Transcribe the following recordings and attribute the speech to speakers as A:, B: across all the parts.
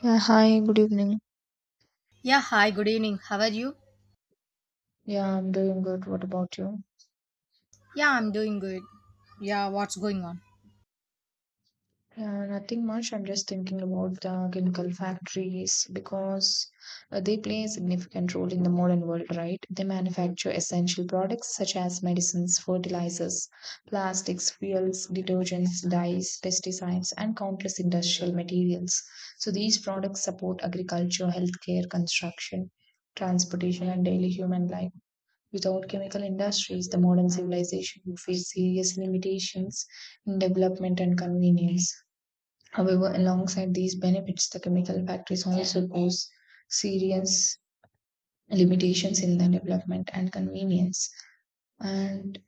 A: Yeah, hi, good evening.
B: Yeah, hi, good evening. How are you?
A: Yeah, I'm doing good. What about you?
B: Yeah, I'm doing good. Yeah, what's going on?
A: Yeah, nothing much. I'm just thinking about the chemical factories because they play a significant role in the modern world, right? They manufacture essential products such as medicines, fertilizers, plastics, fuels, detergents, dyes, pesticides, and countless industrial materials. So these products support agriculture, healthcare, construction, transportation, and daily human life. Without chemical industries, the modern civilization would face serious limitations in development and convenience. However, alongside these benefits, the chemical factories also pose serious limitations in the development and convenience. And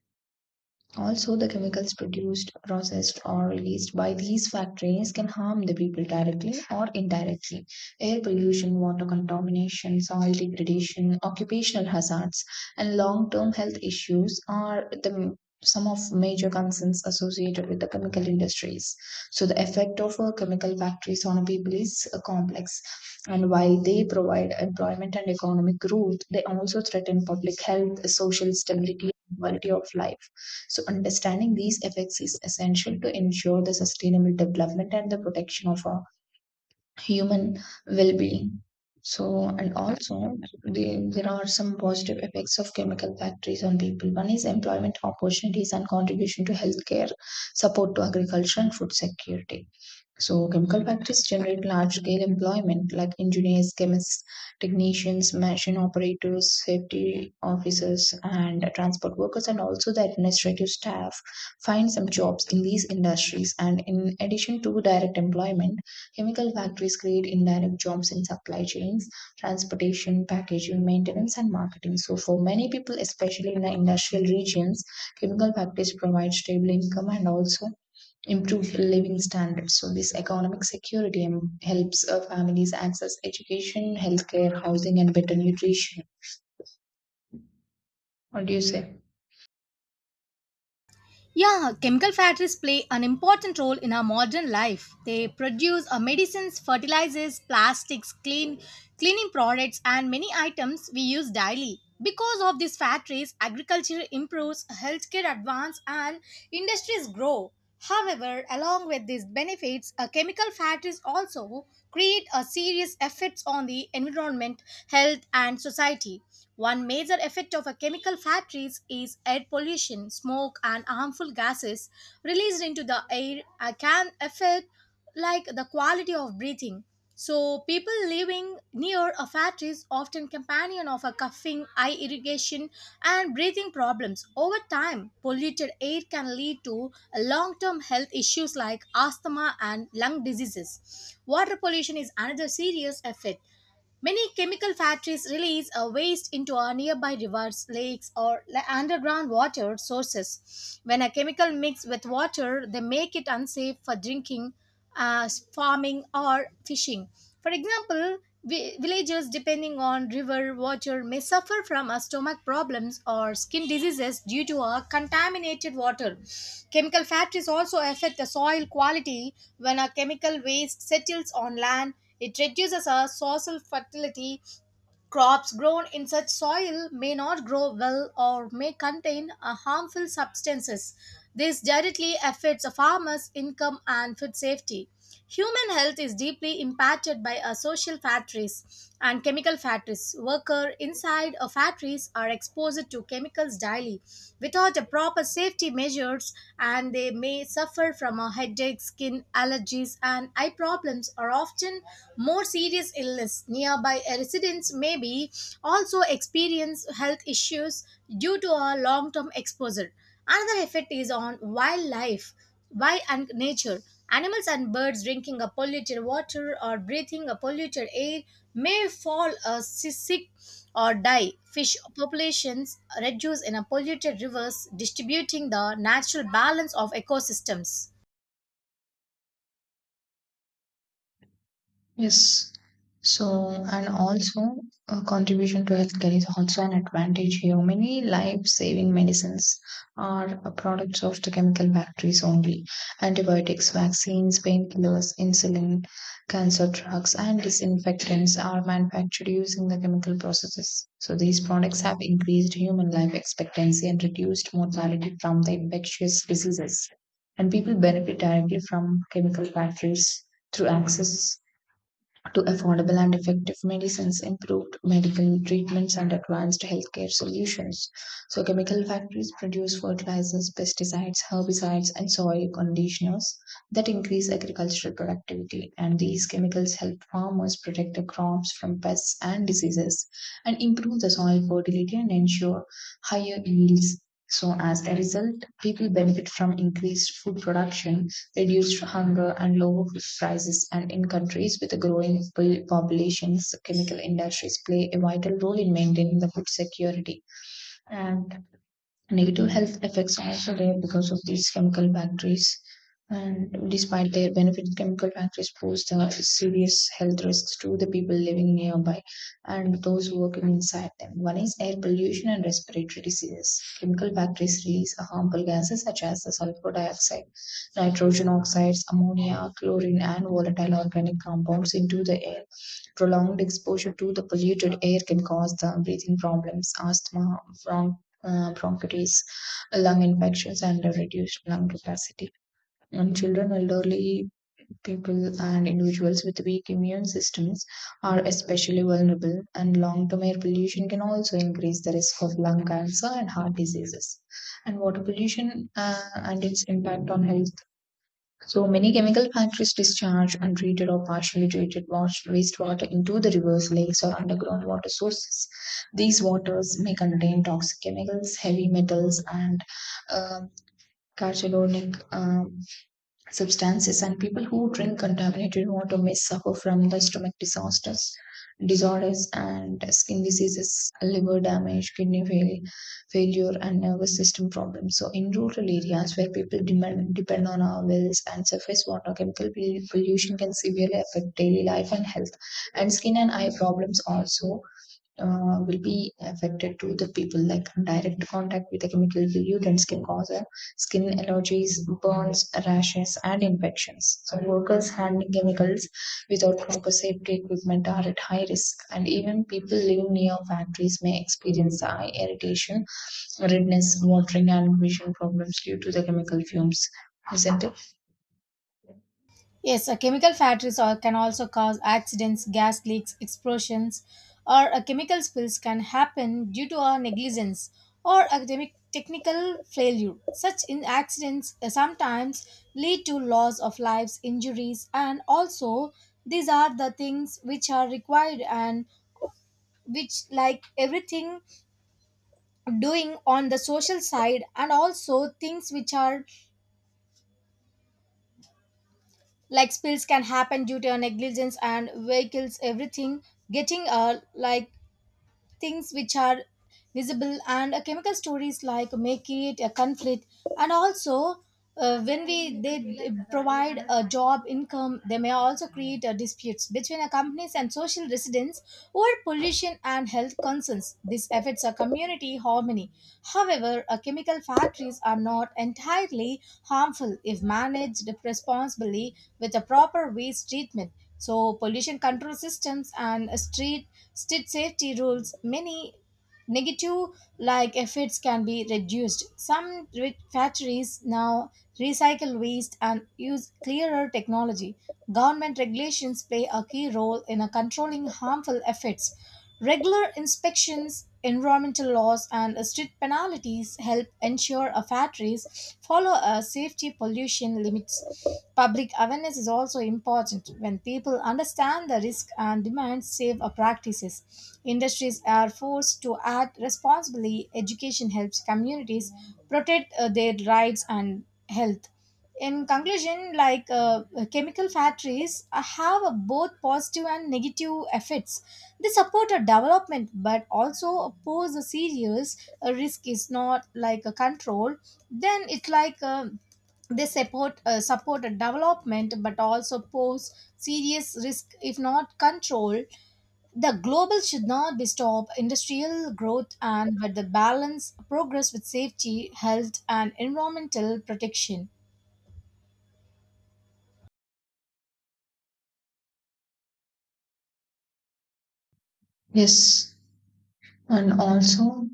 A: also, the chemicals produced, processed, or released by these factories can harm the people directly or indirectly. Air pollution, water contamination, soil degradation, occupational hazards, and long term health issues are the some of major concerns associated with the chemical industries. So, the effect of chemical factories on people is complex. And while they provide employment and economic growth, they also threaten public health, social stability, and quality of life. So, understanding these effects is essential to ensure the sustainable development and the protection of our human well-being. So, and also there are some positive effects of chemical factories on people. One is employment opportunities and contribution to healthcare, support to agriculture and food security. So, chemical factories generate large-scale employment like engineers, chemists, technicians, machine operators, safety officers, and transport workers, and also the administrative staff find some jobs in these industries. And in addition to direct employment, chemical factories create indirect jobs in supply chains, transportation, packaging, maintenance, and marketing. So, for many people, especially in the industrial regions, chemical factories provide stable income and also improve living standards. So, this economic security helps families access education, healthcare, housing, and better nutrition. What do you say?
B: Yeah, chemical factories play an important role in our modern life. They produce medicines, fertilizers, plastics, cleaning products and many items we use daily. Because of these factories, agriculture improves, healthcare advance and industries grow. However, along with these benefits, chemical factories also create a serious effects on the environment, health, and society. One major effect of a chemical factories is air pollution, smoke, and harmful gases released into the air can affect like the quality of breathing. So people living near a factory is often companion of a coughing, eye irrigation, and breathing problems. Over time, polluted air can lead to long-term health issues like asthma and lung diseases. Water pollution is another serious effect. Many chemical factories release a waste into our nearby rivers, lakes, or underground water sources. When a chemical mix with water, they make it unsafe for drinking, farming, or fishing. For example, villagers depending on river water may suffer from stomach problems or skin diseases due to a contaminated water. Chemical factories also affect the soil quality when a chemical waste settles on land it reduces our soil fertility. Crops grown in such soil may not grow well or may contain harmful substances. This directly affects a farmer's income and food safety. Human health is deeply impacted by social factories and chemical factories. Workers inside of factories are exposed to chemicals daily without the proper safety measures, and they may suffer from a headache, skin allergies, and eye problems, are often more serious illness. Nearby residents may be also experience health issues due to a long-term exposure. Another effect is on wildlife, wild and nature. Animals and birds drinking a polluted water or breathing a polluted air may fall sick or die. Fish populations reduce in a polluted rivers, distributing the natural balance of ecosystems.
A: Yes. So, and also a contribution to healthcare is also an advantage here. Many life-saving medicines are a products of the chemical factories only. Antibiotics, vaccines, painkillers, insulin, cancer drugs, and disinfectants are manufactured using the chemical processes. So these products have increased human life expectancy and reduced mortality from the infectious diseases. And people benefit directly from chemical factories through access to affordable and effective medicines, improved medical treatments, and advanced healthcare solutions. So, chemical factories produce fertilizers, pesticides, herbicides, and soil conditioners that increase agricultural productivity. And these chemicals help farmers protect the crops from pests and diseases and improve the soil fertility and ensure higher yields. So, as a result, people benefit from increased food production, reduced hunger, and lower food prices. And in countries with a growing populations, chemical industries play a vital role in maintaining the food security. And negative health effects are also there because of these chemical factories. And despite their benefits, chemical factories pose the serious health risks to the people living nearby and those working inside them. One is air pollution and respiratory diseases. Chemical factories release harmful gases such as the sulfur dioxide, nitrogen oxides, ammonia, chlorine, and volatile organic compounds into the air. Prolonged exposure to the polluted air can cause the breathing problems, asthma, bron- bronchitis, lung infections, and a reduced lung capacity. And children, elderly people, and individuals with weak immune systems are especially vulnerable, and long term air pollution can also increase the risk of lung cancer and heart diseases. And water pollution and its impact on health, so many chemical factories discharge untreated or partially treated wastewater into the rivers, lakes, or underground water sources. These waters may contain toxic chemicals, heavy metals, and um carcinogenic substances, and people who drink contaminated water may suffer from the stomach disasters disorders and skin diseases, liver damage, failure, and nervous system problems. So in rural areas where people depend on our wells and surface water, chemical pollution can severely affect daily life and health. And skin and eye problems also will be affected to the people, like direct contact with a chemical pollutant can cause skin allergies, burns, rashes, and infections. So workers handling chemicals without proper safety equipment are at high risk, and even people living near factories may experience eye irritation, redness, watering, and vision problems due to the chemical fumes, isn't it?
B: Yes, a chemical can also cause accidents, gas leaks, explosions, or a chemical spills can happen due to our negligence or academic technical failure. Such in accidents sometimes lead to loss of lives, injuries, and also these are the things which are required and which like everything doing on the social side and also things which are like spills can happen due to negligence and vehicles everything getting like things which are visible and chemical stories like make it a conflict. And also when we they provide a job income, they may also create disputes between a companies and social residents over pollution and health concerns. This affects a community harmony. However, chemical factories are not entirely harmful if managed responsibly with a proper waste treatment. So pollution control systems and street State safety rules, many negative like effects can be reduced. Some factories now recycle waste and use clearer technology. Government regulations play a key role in controlling harmful effects. Regular inspections, environmental laws, and strict penalties help ensure our factories follow our safety pollution limits. Public awareness is also important. When people understand the risk and demand safe practices, industries are forced to act responsibly. Education helps communities protect their rights and health. In conclusion, chemical factories have a both positive and negative effects. They support a development but also pose a serious risk is not like a control, then it's like they support a development but also pose serious risk if not controlled. The global should not be stop industrial growth and but the balance progress with safety, health, and environmental protection.
A: Yes. And also,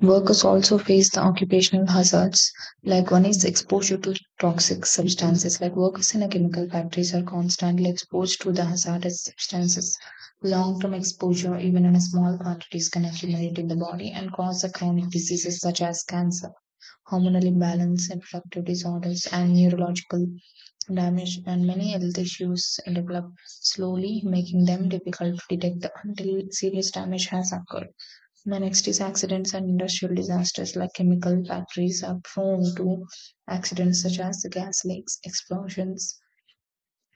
A: workers also face the occupational hazards. Like one is exposure to toxic substances. Like workers in a chemical factories are constantly exposed to the hazardous substances. Long-term exposure, even in a small quantities, can accumulate in the body and cause the chronic diseases such as cancer, hormonal imbalance, reproductive disorders, and neurological damage. And many health issues develop slowly, making them difficult to detect until serious damage has occurred. The next is accidents and industrial disasters, like chemical factories are prone to accidents such as the gas leaks, explosions,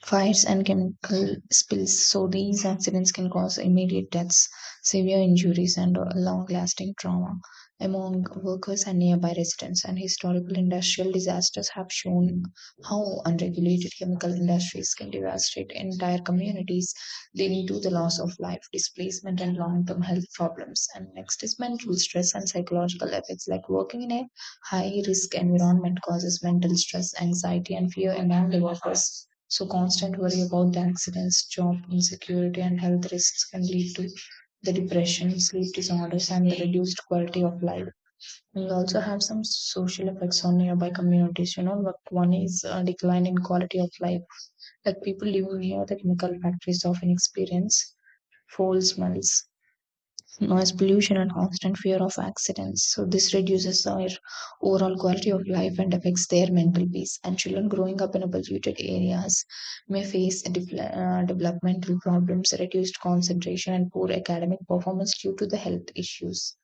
A: fires, and chemical spills. So these accidents can cause immediate deaths, severe injuries, and long-lasting trauma among workers and nearby residents. And historical industrial disasters have shown how unregulated chemical industries can devastate entire communities, leading to the loss of life, displacement, and long-term health problems. And next is mental stress and psychological effects, like working in a high risk environment causes mental stress, anxiety, and fear among the workers. So, constant worry about the accidents, job insecurity, and health risks can lead to the depression, sleep disorders, and the reduced quality of life. We also have some social effects on nearby communities. You know, like one is a decline in quality of life. Like people living near the chemical factories often experience foul smells, noise pollution, and constant fear of accidents. So this reduces their overall quality of life and affects their mental peace. And children growing up in a polluted areas may face developmental problems, reduced concentration, and poor academic performance due to the health issues.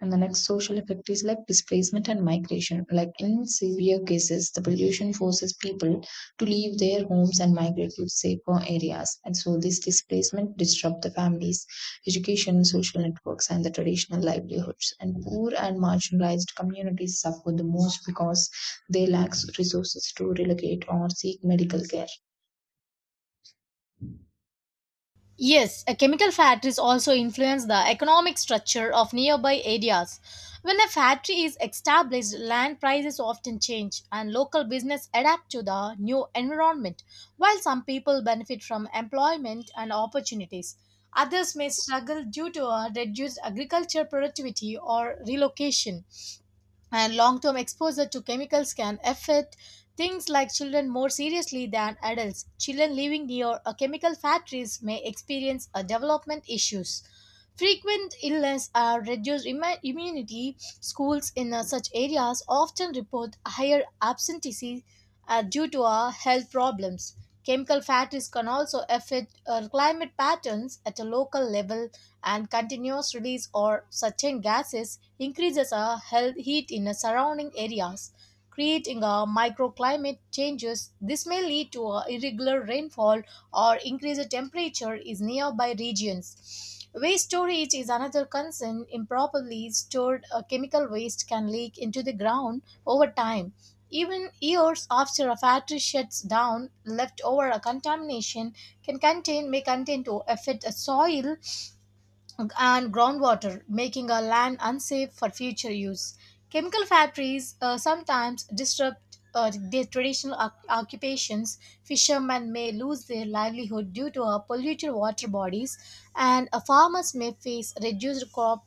A: And the next social effect is like displacement and migration. Like in severe cases, the pollution forces people to leave their homes and migrate to safer areas. And so this displacement disrupts the families, education, social networks, and the traditional livelihoods. And poor and marginalized communities suffer the most because they lack resources to relocate or seek medical care.
B: Yes, a chemical factories also influence the economic structure of nearby areas. When a factory is established, land prices often change and local business adapt to the new environment, while some people benefit from employment and opportunities. Others may struggle due to a reduced agriculture productivity or relocation, and long-term exposure to chemicals can affect things like children more seriously than adults. Children living near a chemical factories may experience a development issues. Frequent illness or reduced immunity. Schools in such areas often report higher absenteeism due to health problems. Chemical factories can also affect climate patterns at a local level, and continuous release or certain gases increases a health heat in the surrounding areas, creating a microclimate changes. This may lead to a irregular rainfall or increased temperature in nearby regions. Waste storage is another concern. Improperly stored chemical waste can leak into the ground over time, even years after a factory shuts down. Leftover contamination can contain may contain to affect a soil and groundwater, making our land unsafe for future use. Chemical factories sometimes disrupt their traditional occupations. Fishermen may lose their livelihood due to polluted water bodies, and farmers may face reduced crop,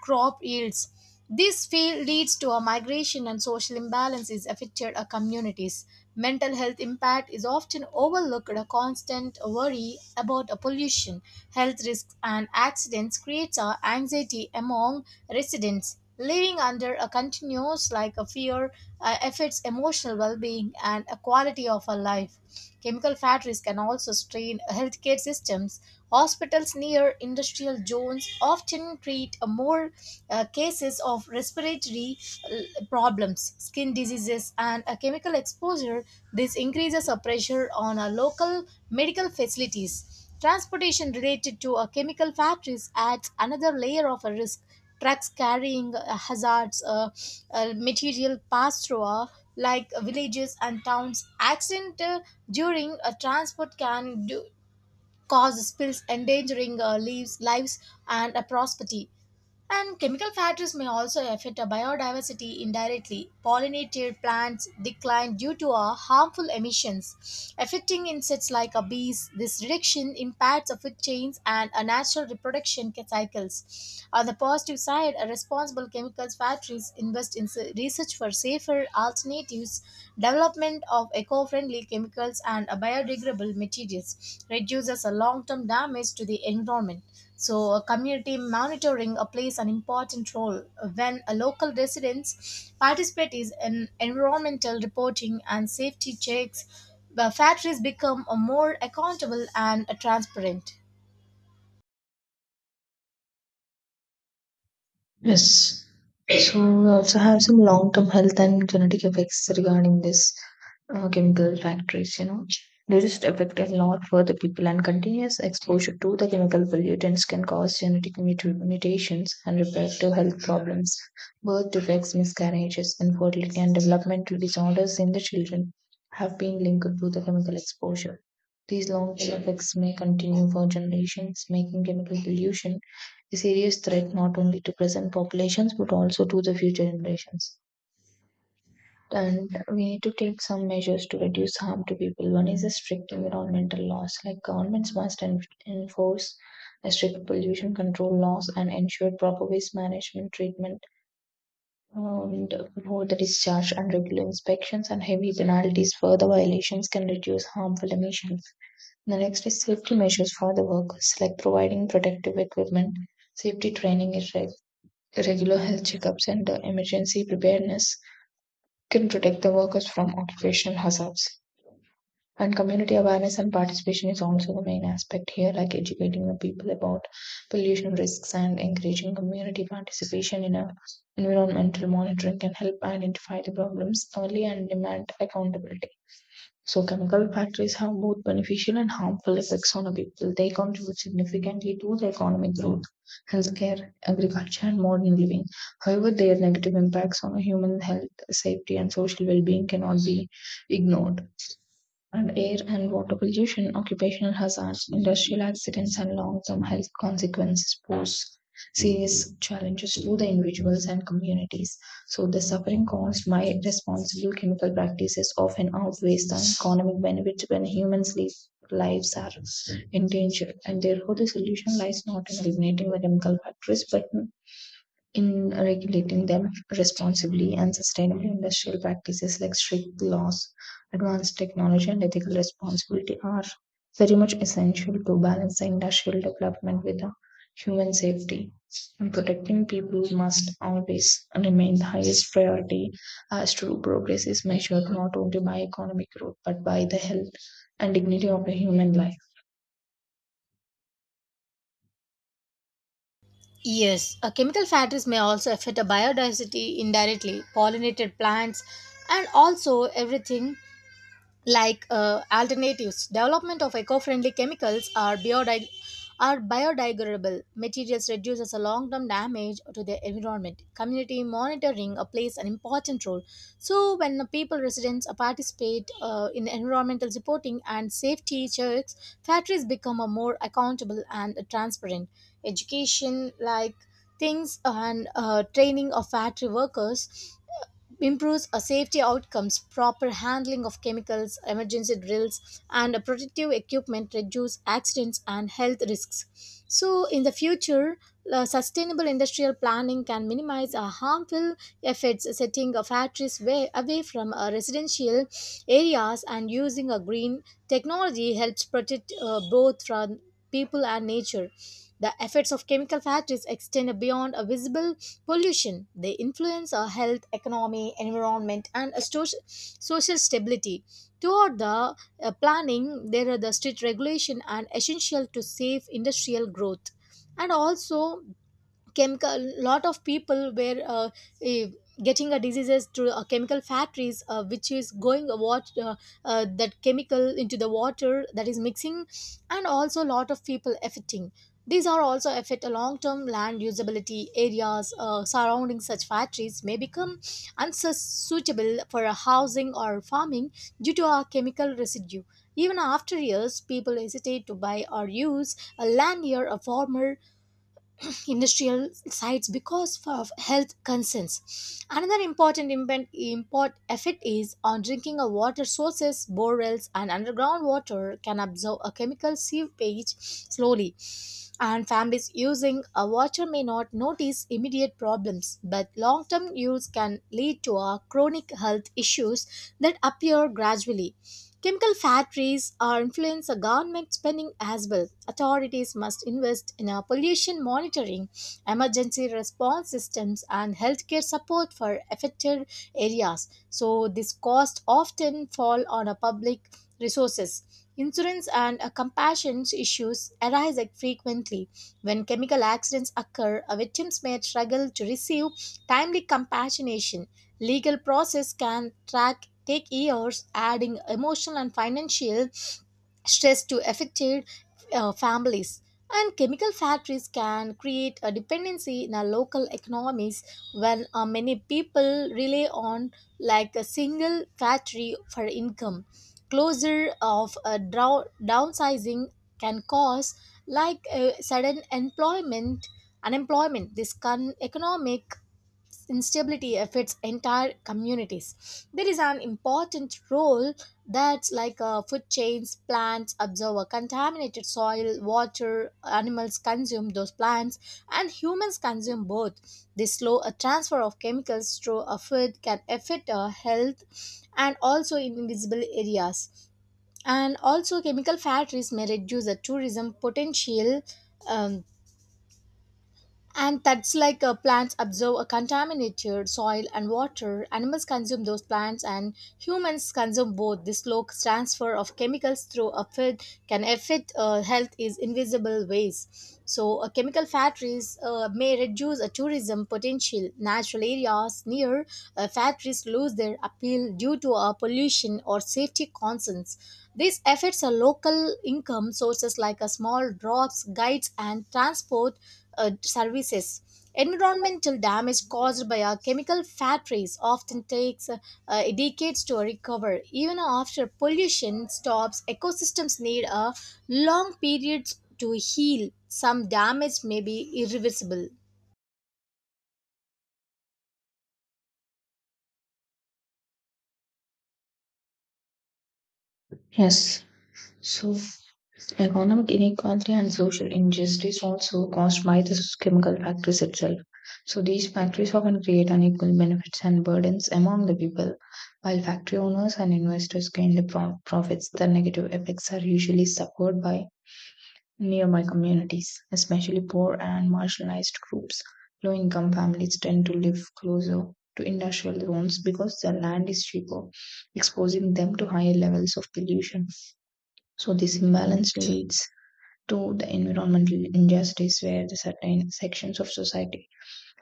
B: crop yields. This field leads to a migration, and social imbalance is affected our communities. Mental health impact is often overlooked. A constant worry about a pollution, health risks, and accidents creates a anxiety among residents. Living under a continuous like a fear affects emotional well-being and a quality of a life. Chemical factories can also strain healthcare systems. Hospitals near industrial zones often treat more cases of respiratory problems, skin diseases, and a chemical exposure. This increases a pressure on local medical facilities. Transportation related to chemical factories adds another layer of a risk. Trucks carrying material pass through like villages and towns. Accident during a transport cause spills, endangering lives and property. And chemical factories may also affect our biodiversity indirectly. Pollinated plants decline due to our harmful emissions, affecting insects like our bees. This reduction impacts our food chains and our natural reproduction cycles. On the positive side, our responsible chemicals factories invest in research for safer alternatives. Development of eco-friendly chemicals and biodegradable materials reduces a long-term damage to the environment. So, community monitoring plays an important role when a local residents participate is in environmental reporting and safety checks. The factories become more accountable and transparent.
A: Yes. So we also have some long-term health and genetic effects regarding this chemical factories, you know. They just affect a lot for the people, and continuous exposure to the chemical pollutants can cause genetic mutations and reproductive health problems. Birth defects, miscarriages, infertility, and developmental disorders in the children have been linked to the chemical exposure. These long term effects may continue for generations, making chemical pollution a serious threat not only to present populations but also to the future generations. And we need to take some measures to reduce harm to people. One is a strict environmental laws, like governments must enforce a strict pollution control laws and ensure proper waste management treatment and promote the discharge and regular inspections and heavy penalties. Further violations can reduce harmful emissions. The next is safety measures for the workers, like providing protective equipment, safety training, is reg regular health checkups, and emergency preparedness can protect the workers from occupational hazards. And community awareness and participation is also the main aspect here, like educating the people about pollution risks and encouraging community participation in a environmental monitoring can help identify the problems early and demand accountability. So chemical factories have both beneficial and harmful effects on the people. They contribute significantly to the economic growth, healthcare, agriculture, and modern living. However, their negative impacts on human health, safety, and social well-being cannot be ignored, and air and water pollution, occupational hazards, industrial accidents, and long term health consequences pose serious challenges to the individuals and communities. So, the suffering caused by responsible chemical practices often outweighs the economic benefits when lives are endangered. And therefore, the solution lies not in eliminating the chemical factories but in regulating them responsibly, and sustainable industrial practices like strict laws, advanced technology, and ethical responsibility are very much essential to balance the industrial development with the human safety. And protecting people must always remain the highest priority, as true progress is measured not only by economic growth but by the health and dignity of a human life.
B: Yes, chemical factories may also affect the biodiversity indirectly, pollinated plants, and also everything like alternatives development of eco-friendly chemicals are are biodegradable materials reduces a long-term damage to the environment. Community monitoring plays an important role. So when the people residents participate in environmental reporting and safety checks, factories become a more accountable and transparent. Education like things and training of factory workers improves safety outcomes. Proper handling of chemicals, emergency drills, and protective equipment reduce accidents and health risks. So in the future, sustainable industrial planning can minimize harmful effects. Setting factories away from residential areas and using a green technology helps protect both from people and nature. The effects of chemical factories extend beyond a visible pollution. They influence our health, economy, environment, and a social stability. Toward the planning, there are the strict regulation and essential to safe industrial growth. And also chemical lot of people were eh, getting a diseases through chemical factories, which is going a that chemical into the water that is mixing, and also lot of people affecting. These are also affect a long-term land usability areas surrounding such factories may become unsuitable for a housing or farming due to a chemical residue. Even after years, people hesitate to buy or use a land near a former industrial sites because of health concerns. Another important impen- import effect is on drinking of water sources. Borewells and underground water can absorb a chemical seepage slowly. And families using a water may not notice immediate problems, but long term use can lead to a chronic health issues that appear gradually. Chemical factories are influence the government spending as well. Authorities must invest in a pollution monitoring, emergency response systems, and healthcare support for affected areas. So this cost often fall on a public resources. Insurance and compassion issues arise like frequently. When chemical accidents occur, victims may struggle to receive timely compassionation. Legal process can take years, adding emotional and financial stress to affected families. And chemical factories can create a dependency in our local economies when many people rely on like a single factory for income. Closure of a downsizing can cause like a sudden employment unemployment. This can economic instability affects entire communities. There is an important role that's like food chains. Plants absorb a contaminated soil, water, animals consume those plants, and humans consume both. This slow a transfer of chemicals through a food can affect our health and also in invisible areas. And also chemical factories may reduce the tourism potential. um, and that's like plants absorb a contaminated soil and water. Animals consume those plants, and humans consume both. The slow transfer of chemicals through a food can affect health in invisible ways. So, chemical factories may reduce a tourism potential. Natural areas near factories lose their appeal due to pollution or safety concerns. This affects a local income sources like a small drops, guides, and transport services. Environmental damage caused by our chemical factories often takes decades to recover. Even after pollution stops, ecosystems need a long period to heal. Some damage may be irreversible.
A: Yes. So, economic inequality and social injustice also caused by the chemical factories itself. So, these factories often create unequal benefits and burdens among the people, while factory owners and investors gain the profits. The negative effects are usually suffered by nearby communities, especially poor and marginalized groups. Low income families tend to live closer to industrial zones because the land is cheaper, exposing them to higher levels of pollution. So this imbalance leads to the environmental injustice, where the certain sections of society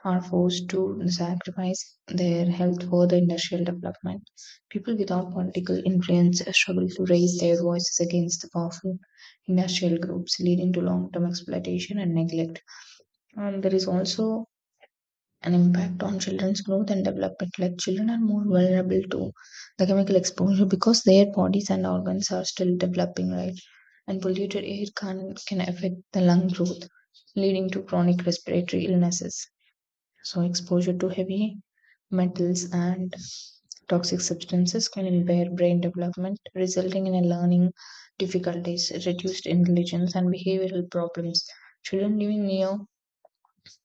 A: are forced to sacrifice their health for the industrial development. People without political influence struggle to raise their voices against the powerful industrial groups, leading to long term exploitation and neglect. And there is also an impact on children's growth and development. Like children are more vulnerable to the chemical exposure because their bodies and organs are still developing, right? And polluted air can affect the lung growth, leading to chronic respiratory illnesses. So exposure to heavy metals and toxic substances can impair brain development, resulting in a learning difficulties, reduced intelligence, and behavioral problems. Children living near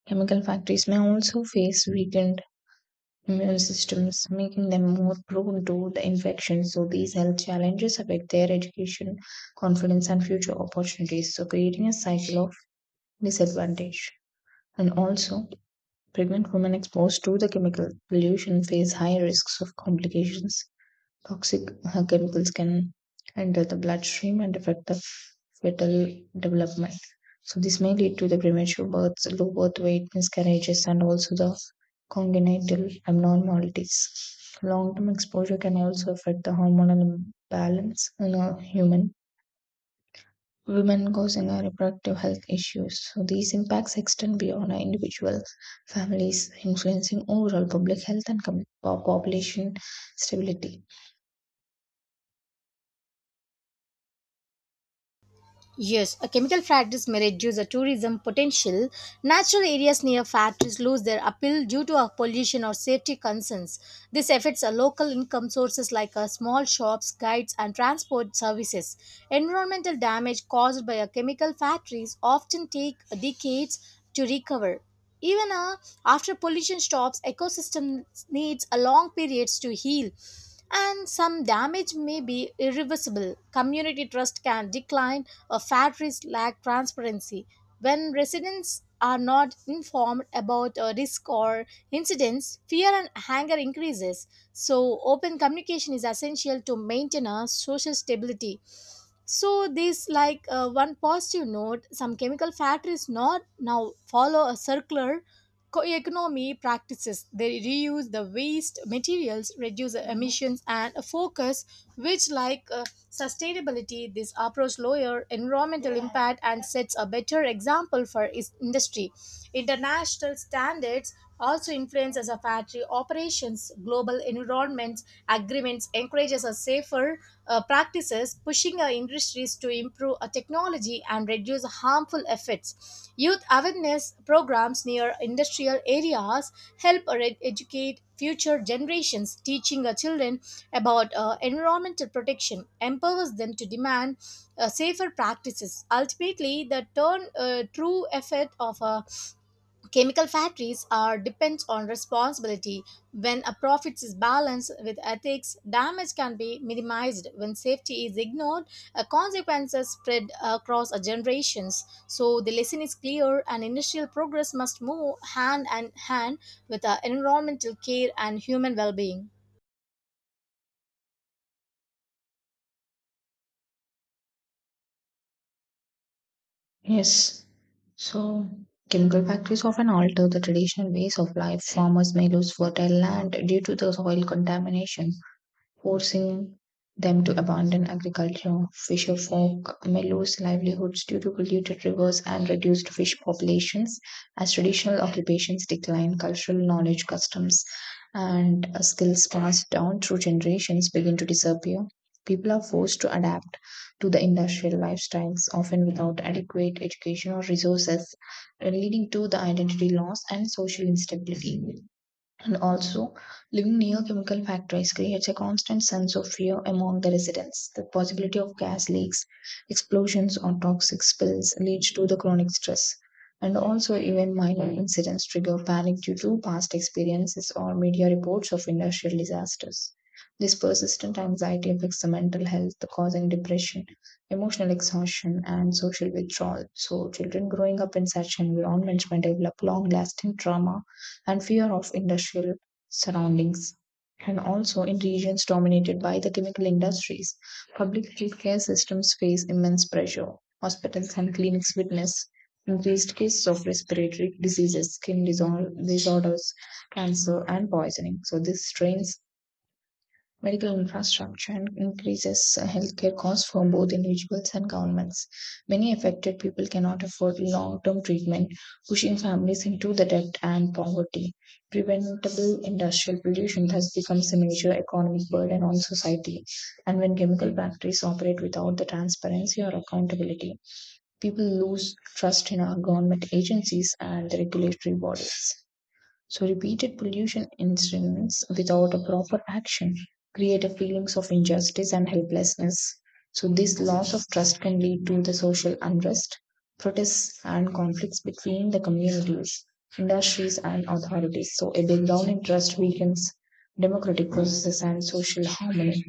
A: chemical factories may also face weakened immune systems, making them more prone to the infection. So these health challenges affect their education, confidence, and future opportunities. So creating a cycle of disadvantage. And also, pregnant women exposed to the chemical pollution face high risks of complications. Toxic chemicals can enter the bloodstream and affect the fetal development. So, this may lead to the premature births, low birth weight, miscarriages, and also the congenital abnormalities. Long term exposure can also affect the hormonal balance in a human women causing a reproductive health issues. So these impacts extend beyond our individual families, influencing overall public health and population stability.
B: Yes, a chemical factories may reduce the tourism potential. Natural areas near factories lose their appeal due to pollution or safety concerns. This affects local income sources like small shops, guides, and transport services. Environmental damage caused by a chemical factories often take decades to recover. Even after pollution stops, ecosystems needs a long periods to heal, and some damage may be irreversible. Community trust can decline, or factories lack transparency. When residents are not informed about a risk or incidents, fear and anger increases. So, open communication is essential to maintain a social stability. So this like one positive note, some chemical factories not now follow a circular economy practices. They reuse the waste materials, reduce the emissions, and a focus which like sustainability. This approach lower environmental impact and sets a better example for is industry. International standards also influence as a factory operations. Global global environment agreements encourages a safer practices, pushing our industries to improve our technology and reduce harmful effects. Youth awareness programs near industrial areas help educate future generations, teaching our children about environmental protection, empowers them to demand safer practices. Ultimately, the true effect of a chemical factories are depends on responsibility. When a profits is balanced with ethics, damage can be minimized. When safety is ignored, consequences spread across generations. So the lesson is clear, and industrial progress must move hand in hand with environmental care and human well-being.
A: Yes. So, chemical factories often alter the traditional ways of life. Farmers may lose fertile land due to the soil contamination, forcing them to abandon agriculture. Fisherfolk may lose livelihoods due to polluted rivers and reduced fish populations. As traditional occupations decline, cultural knowledge, customs, and skills passed down through generations begin to disappear. People are forced to adapt to the industrial lifestyles, often without adequate education or resources, leading to the identity loss and social instability. And also, living near chemical factories creates a constant sense of fear among the residents. The possibility of gas leaks, explosions, or toxic spills leads to the chronic stress. And also, even minor incidents trigger panic due to past experiences or media reports of industrial disasters. This persistent anxiety affects the mental health, causing depression, emotional exhaustion, and social withdrawal. So, children growing up in such environments may develop long lasting trauma and fear of industrial surroundings. And also in regions dominated by the chemical industries, public healthcare systems face immense pressure. Hospitals and clinics witness increased cases of respiratory diseases, disorders, cancer, and poisoning. So this strains medical infrastructure and increases healthcare costs for both individuals and governments. Many affected people cannot afford long term treatment, pushing families into the debt and poverty. Preventable industrial pollution has become a major economic burden on society, and when chemical factories operate without the transparency or accountability, people lose trust in our government agencies and the regulatory bodies. So repeated pollution incidents without a proper action create a feelings of injustice and helplessness. So this loss of trust can lead to the social unrest, protests and conflicts between the communities, industries and authorities. So a breakdown in trust weakens democratic processes and social harmony.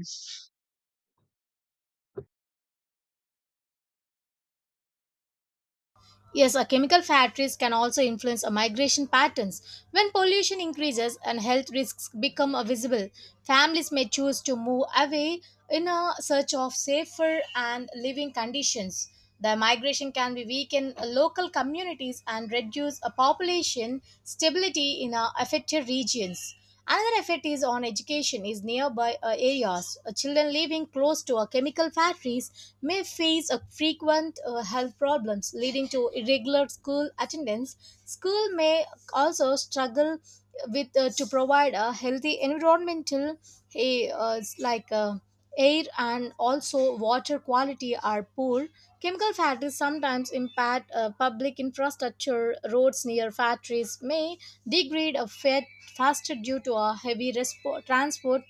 B: Yes, chemical factories can also influence migration patterns. When pollution increases and health risks become visible, families may choose to move away in a search of safer and living conditions. The migration can be weaken local communities and reduce a population stability in affected regions. Another effect is on education is nearby areas. Children living close to chemical factories may face frequent health problems leading to irregular school attendance. School may also struggle with to provide a healthy environmental a like air and also water quality are poor. Chemical factories sometimes impact public infrastructure. Roads near factories may degrade a faster due to a heavy transport,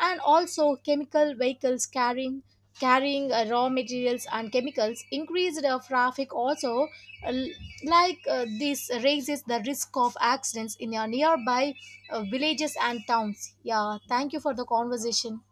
B: and also chemical vehicles carrying raw materials and chemicals increased traffic also, uh, this raises the risk of accidents in your nearby villages and towns. Yeah, thank you for the conversation.